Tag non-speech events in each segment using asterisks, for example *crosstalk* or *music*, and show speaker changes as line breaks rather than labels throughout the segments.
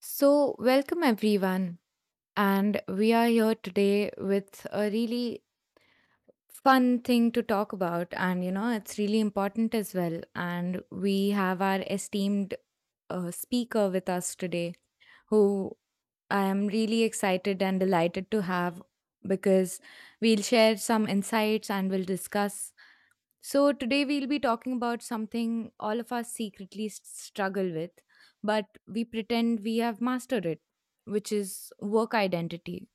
So, welcome everyone. And we are here today with a really fun thing to talk about. And, you know, it's really important as well. And we have our esteemed speaker with us today, who I am really excited and delighted to have because we'll share some insights and we'll discuss so, today we'll be talking about something all of us secretly struggle with, but we pretend we have mastered it, which is work identity.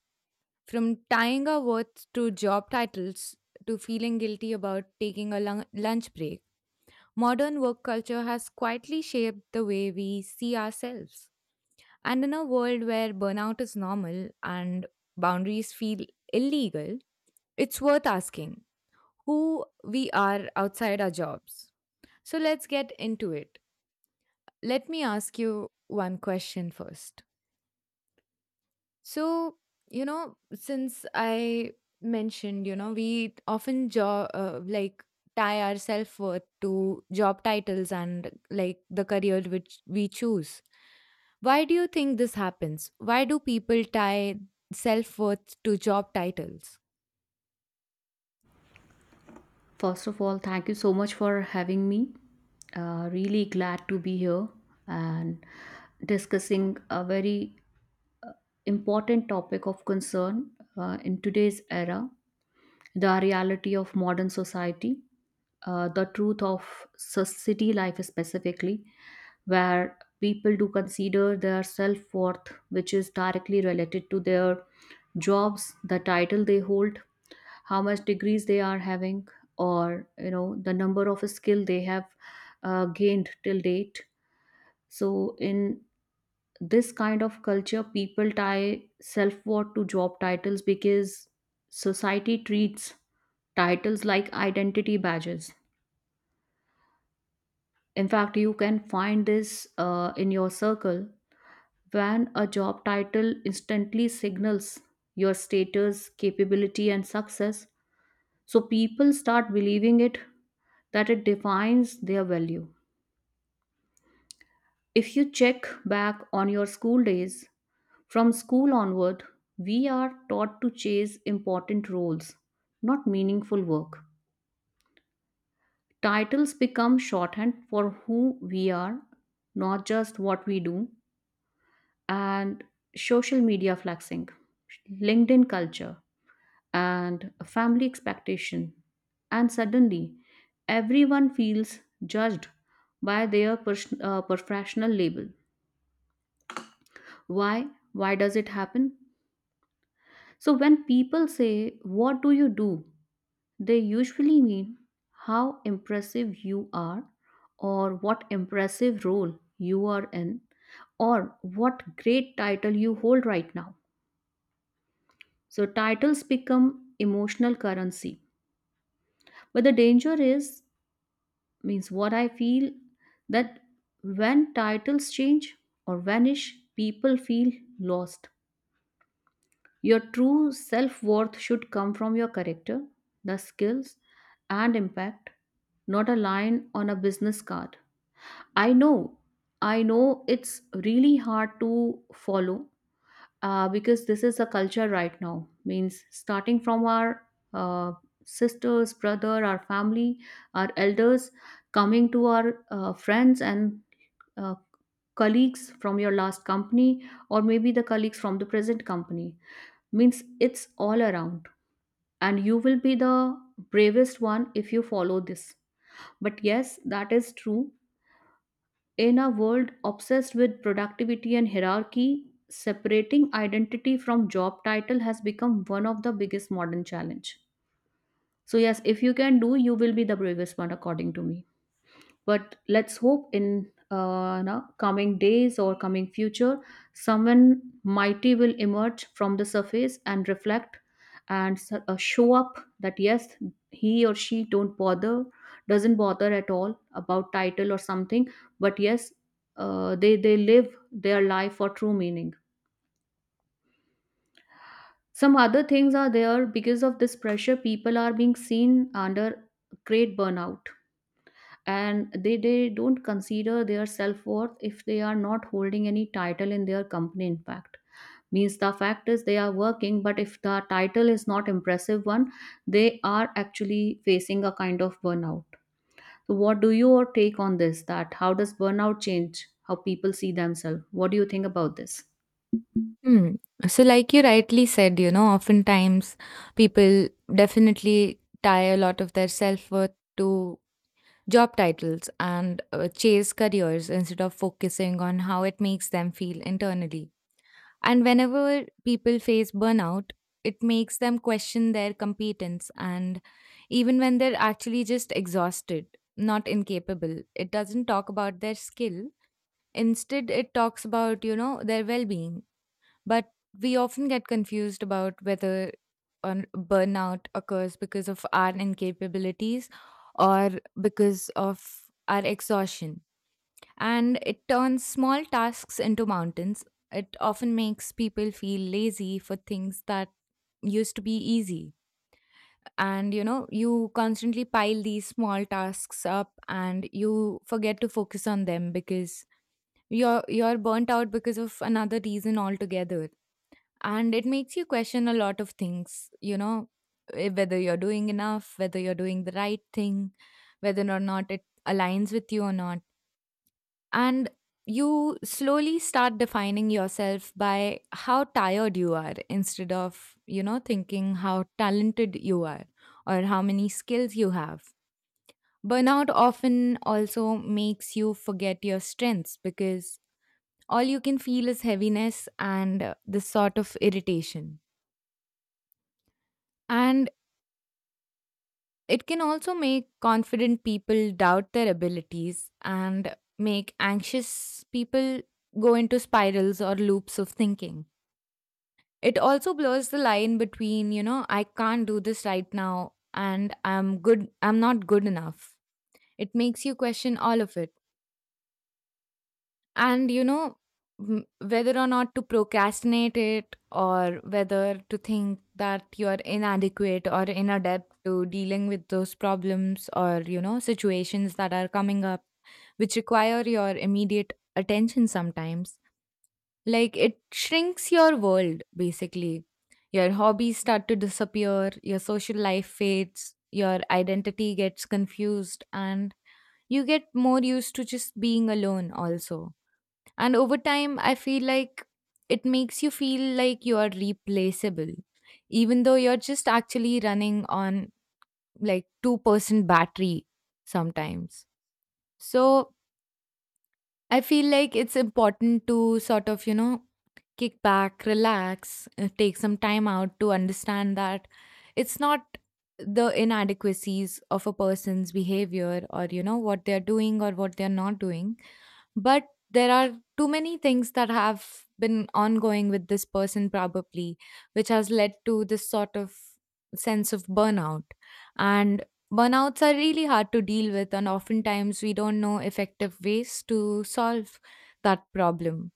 From tying our worth to job titles to feeling guilty about taking a lunch break, modern work culture has quietly shaped the way we see ourselves. And in a world where burnout is normal and boundaries feel illegal, it's worth asking who we are outside our jobs, so let's get into it. Let me ask you one question first. So, you know, since I mentioned, you know, we often like tie our self worth to job titles and like the career which we choose. Why do you think this happens? Why do people tie self worth to job titles?
First of all, thank you so much for having me. Really glad to be here and discussing a very important topic of concern in today's era, the reality of modern society, the truth of city life specifically, where people do consider their self worth, which is directly related to their jobs, the title they hold, how much degrees they are having, or you know, the number of skill they have gained till date. So in this kind of culture, people tie self-worth to job titles because society treats titles like identity badges. In fact, you can find this in your circle, when a job title instantly signals your status, capability and success. So people start believing it, that it defines their value. If you check back on your school days, from school onward, we are taught to chase important roles, not meaningful work. Titles become shorthand for who we are, not just what we do, and social media flexing, LinkedIn culture and family expectation. And suddenly, everyone feels judged by their professional label. Why? Why does it happen? So, when people say, "What do you do?", they usually mean how impressive you are, or what impressive role you are in, or what great title you hold right now. So, titles become emotional currency. But the danger is, means, what I feel, that when titles change or vanish, people feel lost. Your true self-worth should come from your character, the skills and impact, not a line on a business card. I know i know it's really hard to follow, because this is a culture right now. Means, starting from our uh, sisters, brother, our family, our elders, coming to our friends and uh, colleagues from your last company or maybe the colleagues from the present company. Means, it's all around, and you will be the bravest one if you follow this. But yes, that is true. In a world obsessed with productivity and hierarchy, separating identity from job title has become one of the biggest modern challenge. So yes, if you can do, you will be the bravest one according to me. But let's hope in no, coming days or coming future, someone mighty will emerge from the surface and reflect, and show up that yes, he or she don't bother doesn't bother at all about title or something. But yes, they live their life for true meaning. Some other things are there because of this pressure. People are being seen under great burnout, and they don't consider their self-worth if they are not holding any title in their company. In fact, means, the fact is they are working, but if the title is not impressive one, they are actually facing a kind of burnout. So what do your take on this, that how does burnout change how people see themselves? What do you think about this?
Mm. So, like you rightly said, you know, oftentimes people definitely tie a lot of their self worth to job titles and chase careers instead of focusing on how it makes them feel internally. And whenever people face burnout, it makes them question their competence. And even when they're actually just exhausted, not incapable, it doesn't talk about their skill. Instead, it talks about, you know, their well being, but we often get confused about whether an burnout occurs because of our incapabilities or because of our exhaustion. And it turns small tasks into mountains. It often makes people feel lazy for things that used to be easy. And you know, you constantly pile these small tasks up and you forget to focus on them because you're burnt out because of another reason altogether, and it makes you question a lot of things, you know, whether you're doing enough, whether you're doing the right thing, whether or not it aligns with you or not. And you slowly start defining yourself by how tired you are instead of, you know, thinking how talented you are or how many skills you have. Burnout often also makes you forget your strengths because all you can feel is heaviness and this sort of irritation. And it can also make confident people doubt their abilities and make anxious people go into spirals or loops of thinking. It also blurs the line between, you know, I can't do this right now and I'm good, I'm not good enough. It makes you question all of it. And you know, whether or not to procrastinate it or whether to think that you're inadequate or inadept to dealing with those problems or, you know, situations that are coming up which require your immediate attention sometimes. Like it shrinks your world basically. Your hobbies start to disappear, your social life fades, your identity gets confused, and you get more used to just being alone also. And over time, I feel like it makes you feel like you are replaceable, even though you're just actually running on like 2% battery sometimes. So I feel like it's important to sort of, you know, kick back, relax, take some time out to understand that it's not the inadequacies of a person's behavior or, you know, what they're doing or what they're not doing, but there are too many things that have been ongoing with this person probably, which has led to this sort of sense of burnout. And burnouts are really hard to deal with, and oftentimes we don't know effective ways to solve that problem.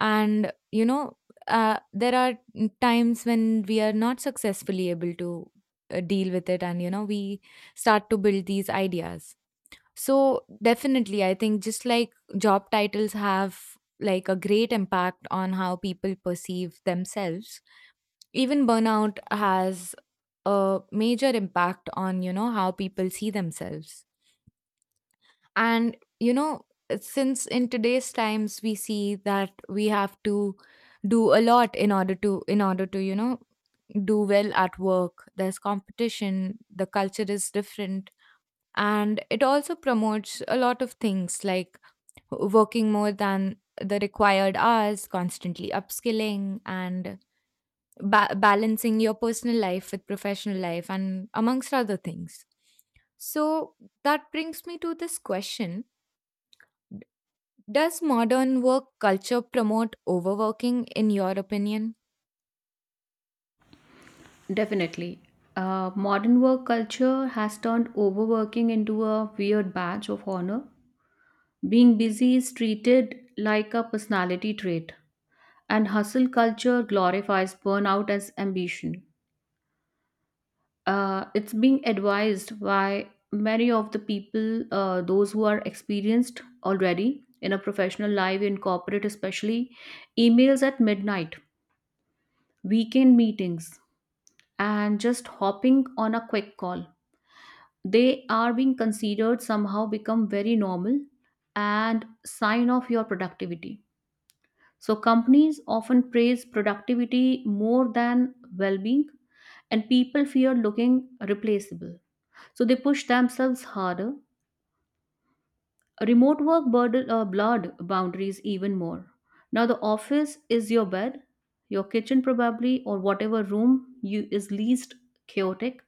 And you know, there are times when we are not successfully able to deal with it, and you know, we start to build these ideas. So definitely, I think just like job titles have like a great impact on how people perceive themselves, even burnout has a major impact on, you know, how people see themselves. And, you know, since in today's times we see that we have to do a lot in order to, you know, do well at work. There's competition, the culture is different, and it also promotes a lot of things like working more than the required hours, constantly upskilling and balancing your personal life with professional life, and amongst other things. So that brings me to this question. D- Does modern work culture promote overworking, in your opinion?
Definitely. Modern work culture has turned overworking into a weird badge of honor. Being busy is treated like a personality trait, and hustle culture glorifies burnout as ambition. It's being advised by many of the people, those who are experienced already in a professional life, in corporate especially: emails at midnight, weekend meetings, and just hopping on a quick call. They are being considered, somehow become very normal and sign of your productivity. So companies often praise productivity more than well-being, and people fear looking replaceable, so they push themselves harder. Remote work burden, blurred boundaries even more. Now the office is your bed, your kitchen probably, or whatever room you is least chaotic.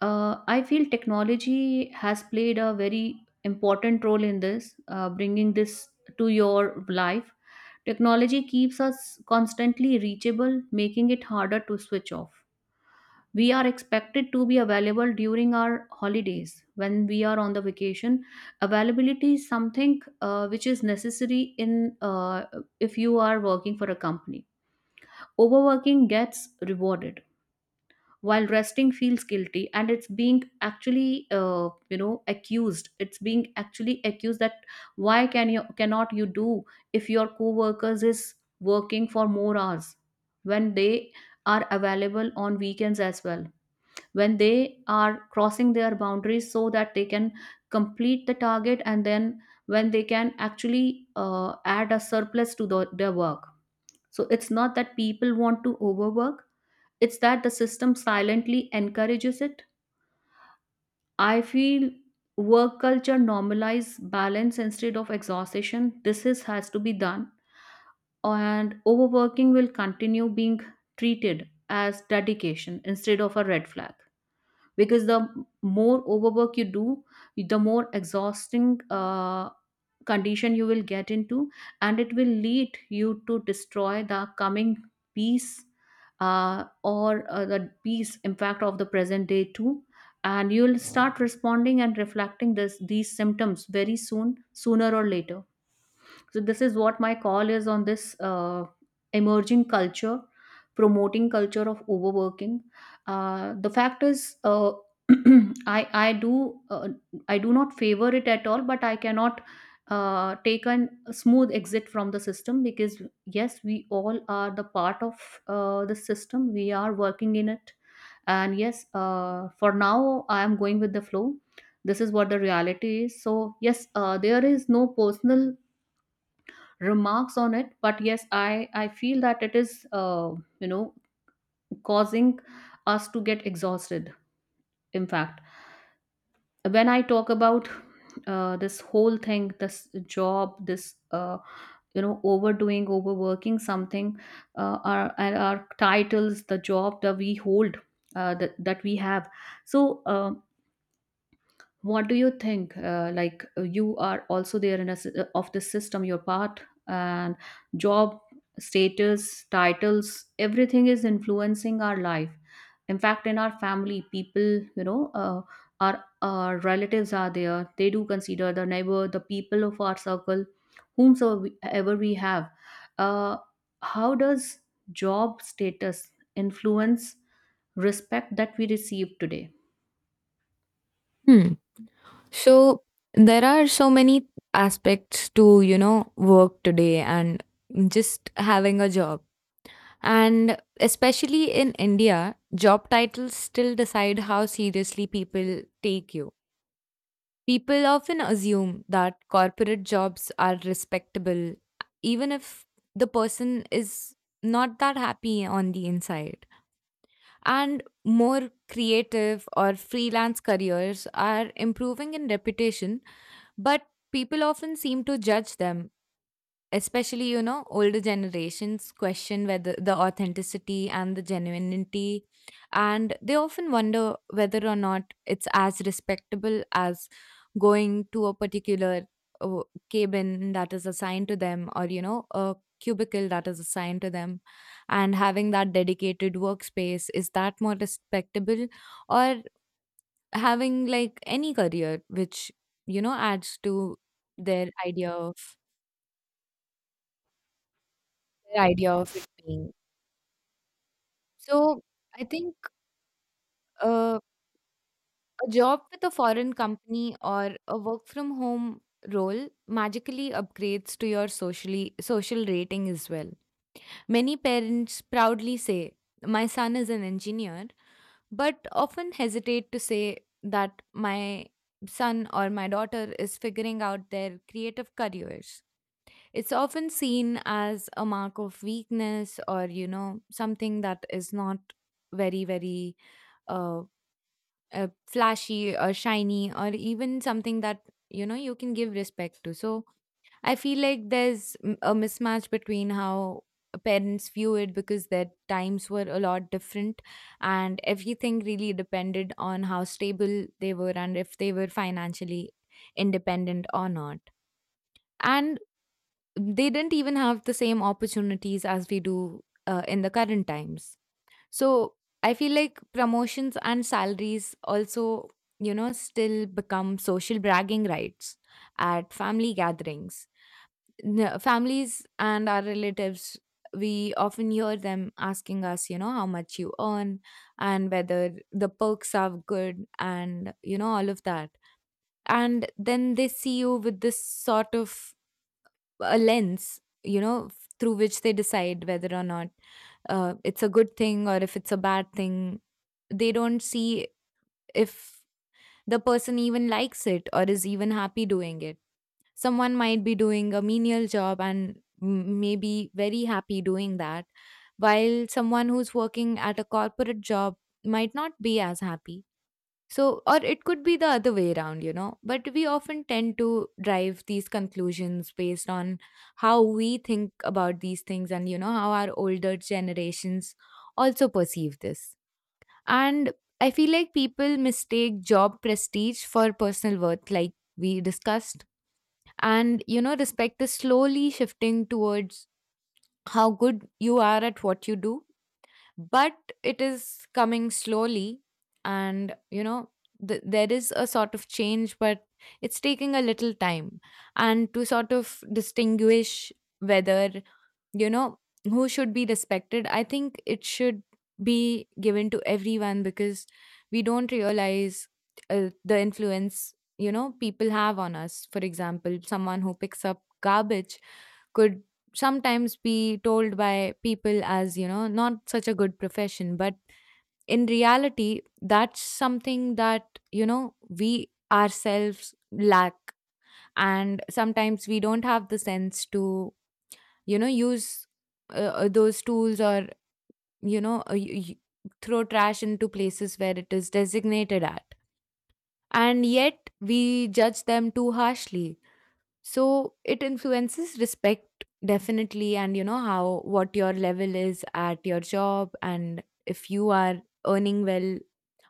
I feel technology has played a very important role in this, bringing this to your life. Technology keeps us constantly reachable, making it harder to switch off. We are expected to be available during our holidays, when we are on the vacation. Availability is something which is necessary in, if you are working for a company. Overworking gets rewarded while resting feels guilty, and it's being actually, accused. It's being actually accused that why can you, cannot you do, if your co-workers is working for more hours, when they are available on weekends as well, when they are crossing their boundaries so that they can complete the target, and then when they can actually add a surplus to their work. So it's not that people want to overwork, it's that the system silently encourages it. I feel work culture normalize balance instead of exhaustion, this is has to be done, and overworking will continue being treated as dedication instead of a red flag. Because the more overwork you do, the more exhausting condition you will get into, and it will lead you to destroy the coming peace, or the peace impact of the present day too. And you'll start responding and reflecting this these symptoms very soon, sooner or later. So this is what my call is on this emerging culture, promoting culture of overworking. The fact is, *clears throat* I I do uh, I do not favor it at all, but I cannot take a smooth exit from the system, because yes, we all are the part of the system. We are working in it, and yes, for now I am going with the flow. This is what the reality is. So yes, there is no personal remarks on it. But yes, I feel that it is, you know causing us to get exhausted. In fact, when I talk about this whole thing, this job, this, overdoing, overworking, something, our titles, the job that we hold, that we have. So what do you think, like, you are also there in of the system, your part, and job, status, titles, everything is influencing our life. In fact, in our family, people, you know uh, our relatives are there, they do consider the neighbor, the people of our circle, whomsoever we have, uh, how does job status influence respect that we receive today?
Hmm. So there are so many aspects to, you know, work today and just having a job. And especially in India, job titles still decide how seriously people take you. People often assume that corporate jobs are respectable, even if the person is not that happy on the inside. And more creative or freelance careers are improving in reputation, but people often seem to judge them. Especially, you know, older generations question whether the authenticity and the genuinity, and they often wonder whether or not it's as respectable as going to a particular uh, cabin that is assigned to them or, you know, a cubicle that is assigned to them, and having that dedicated workspace, is that more respectable, or having like any career which you know adds to their idea of their idea of it being. So, I think uh, a job with a foreign company or a work from home role magically upgrades to your socially social rating as well. Many parents proudly say, "My son is an engineer," but often hesitate to say that my son or my daughter is figuring out their creative careers. It's often seen as a mark of weakness or, you know, something that is not very, very uh, flashy or shiny or even something that you know you can give respect to. So I feel like there's a mismatch between how parents view it because their times were a lot different, and everything really depended on how stable they were and if they were financially independent or not. And they didn't even have the same opportunities as we do in the current times. So I feel like promotions and salaries also, you know, still become social bragging rights at family gatherings. Families and our relatives, we often hear them asking us, you know, how much you earn and whether the perks are good and, you know, all of that. And then they see you with this sort of a lens, you know, through which they decide whether or not it's a good thing or if it's a bad thing. They don't see if the person even likes it or is even happy doing it. Someone might be doing a menial job and may be very happy doing that, while someone who's working at a corporate job might not be as happy. So, or it could be the other way around, you know. But we often tend to drive these conclusions based on how we think about these things and, you know, how our older generations also perceive this. And I feel like people mistake job prestige for personal worth, like we discussed. And, you know, respect is slowly shifting towards how good you are at what you do, but it is coming slowly. And, you know, there is a sort of change, but it's taking a little time. And to sort of distinguish whether, you know, who should be respected, I think it should be given to everyone because we don't realize the influence, you know, people have on us. For example, someone who picks up garbage could sometimes be told by people as, you know, not such a good profession, but in reality that's something that, you know, we ourselves lack. And sometimes we don't have the sense to, you know, use those tools or, you know, throw trash into places where it is designated at, and yet we judge them too harshly. So it influences respect definitely, and you know, how what your level is at your job and if you are earning well,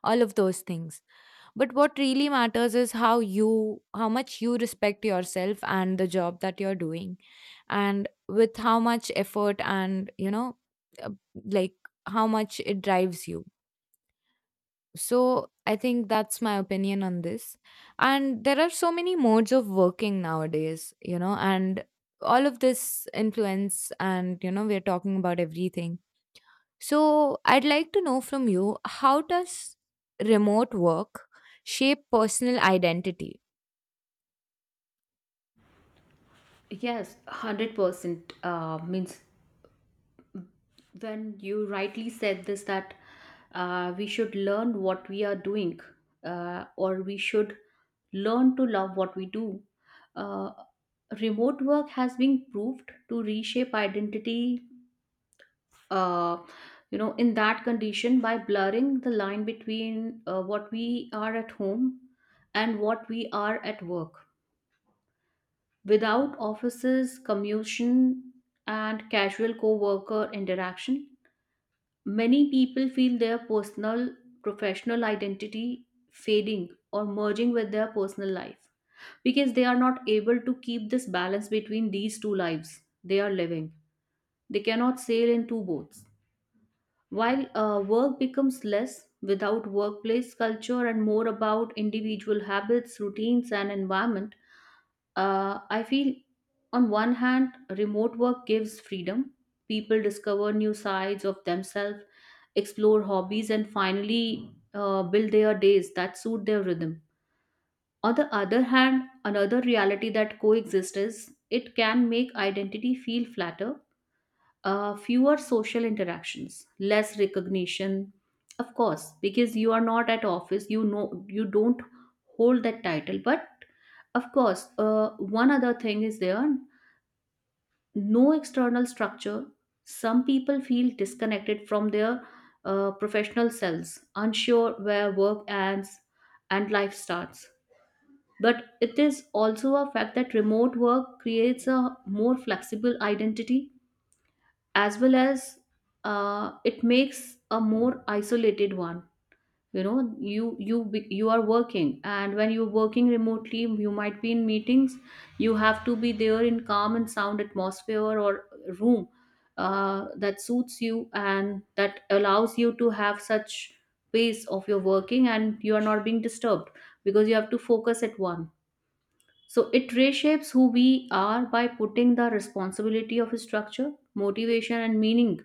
all of those things. But what really matters is how you, how much you respect yourself and the job that you're doing, and with how much effort and, you know, uh, like how much it drives you. So I think that's my opinion on this. And there are so many modes of working nowadays, you know, and all of this influence, and you know, we're talking about everything. So, I'd like to know from you, how does remote work shape personal identity?
Yes, 100% means when you rightly said this that we should learn what we are doing, or we should learn to love what we do. Uh, Remote work has been proved to reshape identity, uh, in that condition, by blurring the line between what we are at home and what we are at work. Without offices, commution, and casual co worker interaction, many people feel their personal, professional identity fading or merging with their personal life, because they are not able to keep this balance between these two lives they are living. They cannot sail in two boats. While work becomes less without workplace culture and more about individual habits, routines, and environment, I feel on one hand, remote work gives freedom. People discover new sides of themselves, explore hobbies, and finally build their days that suit their rhythm. On the other hand, another reality that coexists is it can make identity feel flatter, fewer social interactions, less recognition. Of course, because you are not at office, you know, you don't hold that title. But of course, one other thing is there, no external structure. Some people feel disconnected from their professional selves, unsure where work ends and life starts. But it is also a fact that remote work creates a more flexible identity, as well as it makes a more isolated one. You know, you are working, and when you're working remotely, you might be in meetings. You have to be there in calm and sound atmosphere, or room that suits you and that allows you to have such pace of your working, and you are not being disturbed, because you have to focus at one. So it reshapes who we are, by putting the responsibility of structure, motivation, and meaning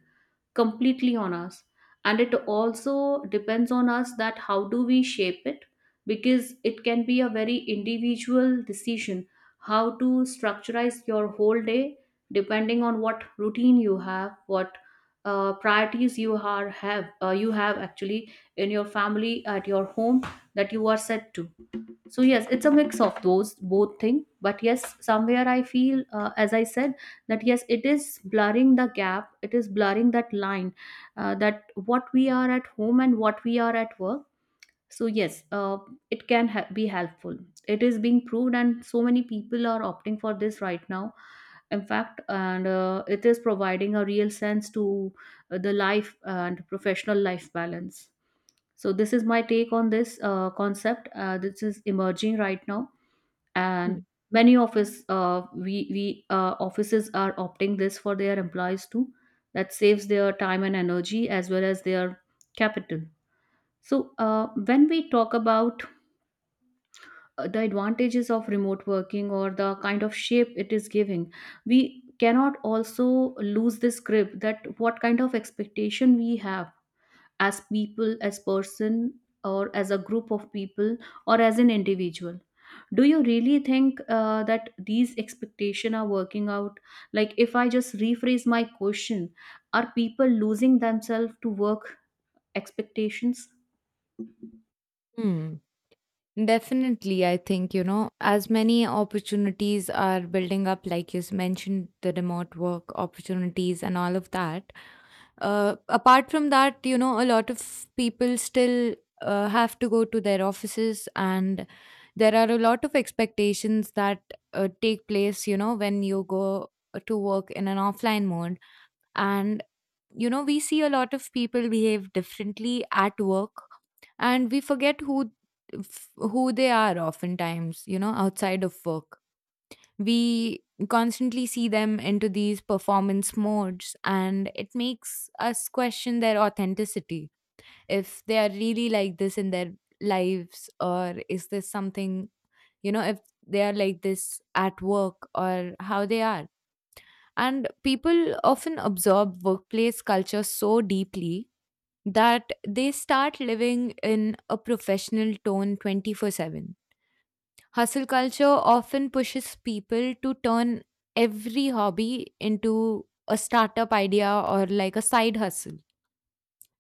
completely on us. And it also depends on us that how do we shape it, because it can be a very individual decision how to structurize your whole day, depending on what routine you have, what priorities you have, actually, in your family at your home, that you are set to. So yes, it's a mix of those both thing, but yes, somewhere I feel, as I said, that yes, it is blurring the gap, it is blurring that line, that what we are at home and what we are at work. So yes, it can be helpful. It is being proved, and so many people are opting for this right now, in fact. And it is providing a real sense to the life and professional life balance. So this is my take on this concept, this is emerging right now. And
Hmm.
many office we offices are opting this for their employees too, that saves their time and energy as well as their capital. So when we talk about the advantages of remote working or the kind of shape it is giving, we cannot also lose this grip, that what kind of expectation we have, as people, as person, or as a group of people, or as an individual. Do you really think that these expectation are working out? Like, if I just rephrase my question, are people losing themselves to work expectations?
Hmm. Definitely, I think, you know, as many opportunities are building up, like you mentioned, the remote work opportunities and all of that. Apart from that, you know, a lot of people still have to go to their offices, and there are a lot of expectations that take place, you know, when you go to work in an offline mode. And, you know, we see a lot of people behave differently at work and we forget who they are oftentimes, you know, outside of work. We constantly see them into these performance modes and it makes us question their authenticity if they are really like this in their lives, or is this something, you know, if they are like this at work or how they are. And people often absorb workplace culture so deeply that they start living in a professional tone 24/7. Hustle culture often pushes people to turn every hobby into a startup idea or like a side hustle.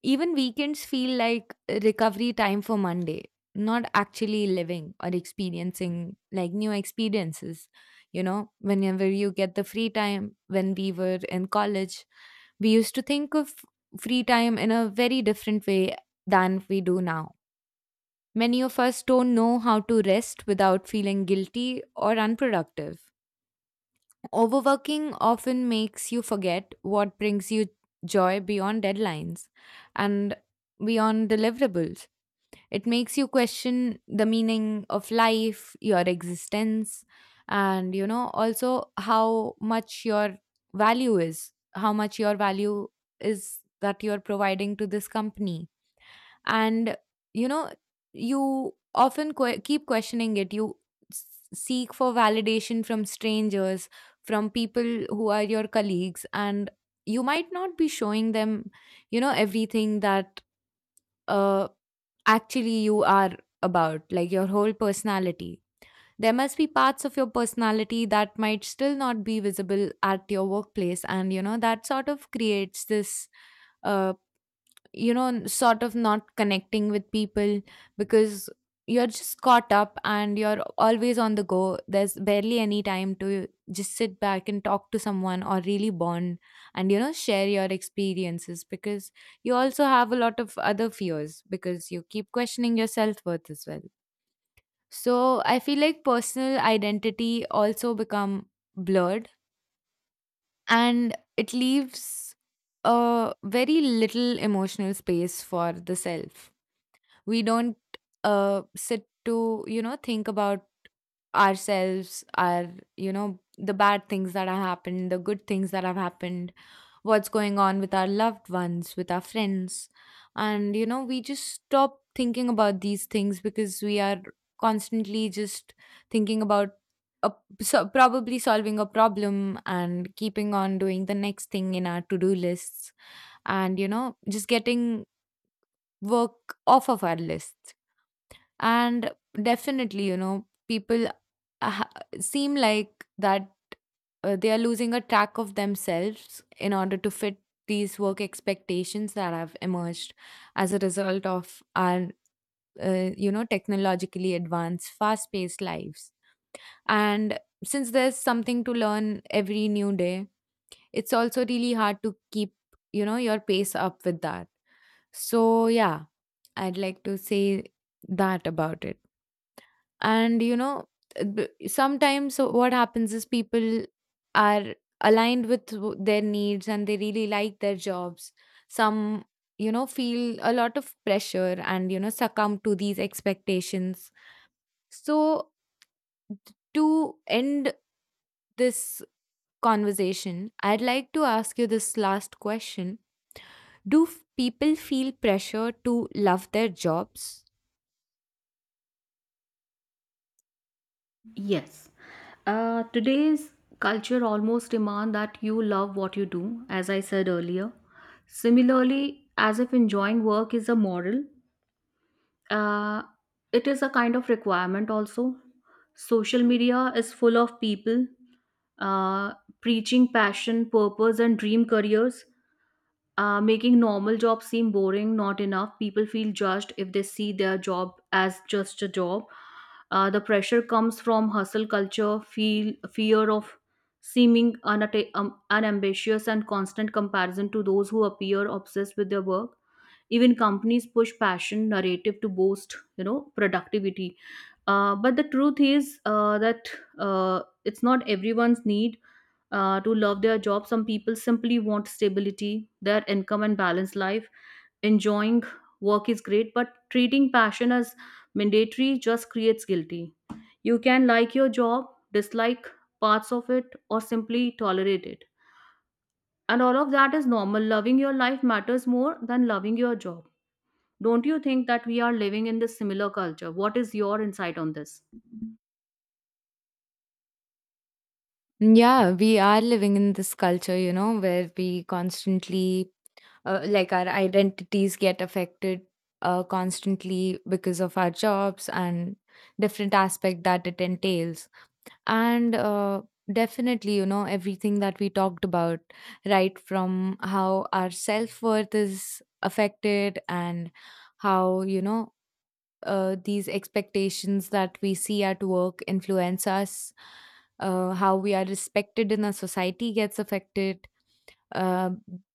Even weekends feel like recovery time for Monday, not actually living or experiencing like new experiences. You know, whenever you get the free time, when we were in college, we used to think of free time in a very different way than we do now. Many of us don't know how to rest without feeling guilty or unproductive. Overworking often makes you forget what brings you joy beyond deadlines and beyond deliverables. It makes you question the meaning of life, your existence, and, you know, also how much your value is, how much your value is that you're providing to this company. And, you know, you often keep questioning it. You s- seek for validation from strangers, from people who are your colleagues, and you might not be showing them, you know, everything that. Uh, actually you are about, like, your whole personality. There must be parts of your personality that might still not be visible at your workplace. And, you know, that sort of creates this uh, you know, sort of not connecting with people, because you're just caught up and you're always on the go. There's barely any time to just sit back and talk to someone or really bond and, you know, share your experiences, because you also have a lot of other fears because you keep questioning your self-worth as well. So I feel like personal identity also become blurred, and it leaves a very little emotional space for the self. We don't sit to, you know, think about ourselves, our, you know, the bad things that have happened, the good things that have happened, what's going on with our loved ones, with our friends. And, you know, we just stop thinking about these things because we are constantly just thinking about a, so probably solving a problem and keeping on doing the next thing in our to-do lists, and, you know, just getting work off of our lists. And definitely, you know, people ha- seem like that, they are losing a track of themselves in order to fit these work expectations that have emerged as a result of our, you know, technologically advanced, fast paced lives. And since there's something to learn every new day, it's also really hard to keep, you know, your pace up with that. So, yeah, I'd like to say that about it. And, you know, sometimes what happens is people are aligned with their needs and they really like their jobs. Some, you know, feel a lot of pressure and, you know, succumb to these expectations. So, to end this conversation, I'd like to ask you this last question. Do people feel pressure to love their jobs?
Yes. Today's culture almost demand that you love what you do, as I said earlier. Similarly, as if enjoying work is a moral, uh, it is a kind of requirement also. Social media is full of people uh, preaching passion, purpose, and dream careers, making normal jobs seem boring, not enough. People feel judged if they see their job as just a job. The pressure comes from hustle culture, feel fear of seeming unambitious, and constant comparison to those who appear obsessed with their work. Even companies push passion narrative to boost, you know, productivity. But the truth is that it's not everyone's need to love their job. Some people simply want stability, their income, and balanced life. Enjoying work is great, but treating passion as mandatory just creates guilty. You can like your job, dislike parts of it, or simply tolerate it. And all of that is normal. Loving your life matters more than loving your job. Don't you think that we are living in this similar culture? What is your insight on this?
Yeah, we are living in this culture, you know, where we constantly, like, our identities get affected constantly because of our jobs and different aspect that it entails. And definitely, you know, everything that we talked about, right from how our self worth is affected and how, you know, these expectations that we see at work influence us, how we are respected in our society gets affected. Uh,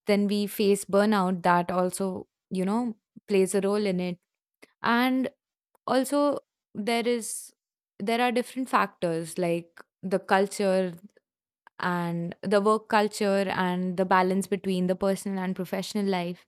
then we face burnout, that also, you know, plays a role in it. And also, there is there are different factors like the culture and the work culture and the balance between the personal and professional life.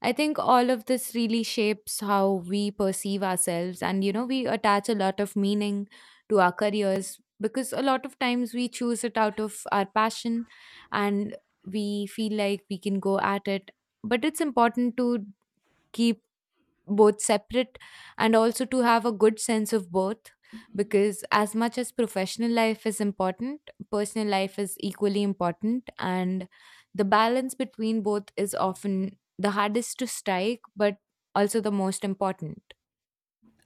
I think all of this really shapes how we perceive ourselves. And, you know, we attach a lot of meaning to our careers because a lot of times we choose it out of our passion and we feel like we can go at it. But it's important to keep both separate and also to have a good sense of both, because as much as professional life is important, personal life is equally important, and the balance between both is often the hardest to strike but also the most important.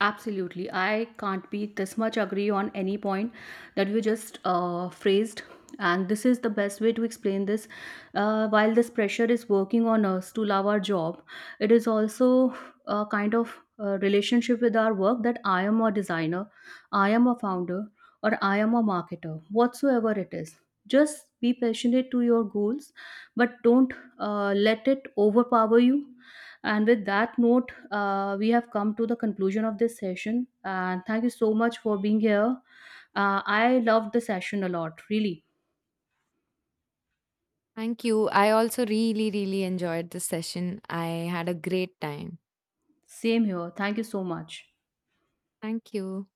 Absolutely. I can't be this much agree on any point that you just phrased. And this is the best way to explain this. While this pressure is working on us to love our job, it is also a kind of relationship with our work, that I am a designer, I am a founder, or I am a marketer, whatsoever it is. Just be passionate to your goals, but don't let it overpower you. And with that note, we have come to the conclusion of this session. And thank you so much for being here. I loved the session a lot, really.
Thank you, I also really really enjoyed this session. I had a great time.
Same here. Thank you so much.
Thank you.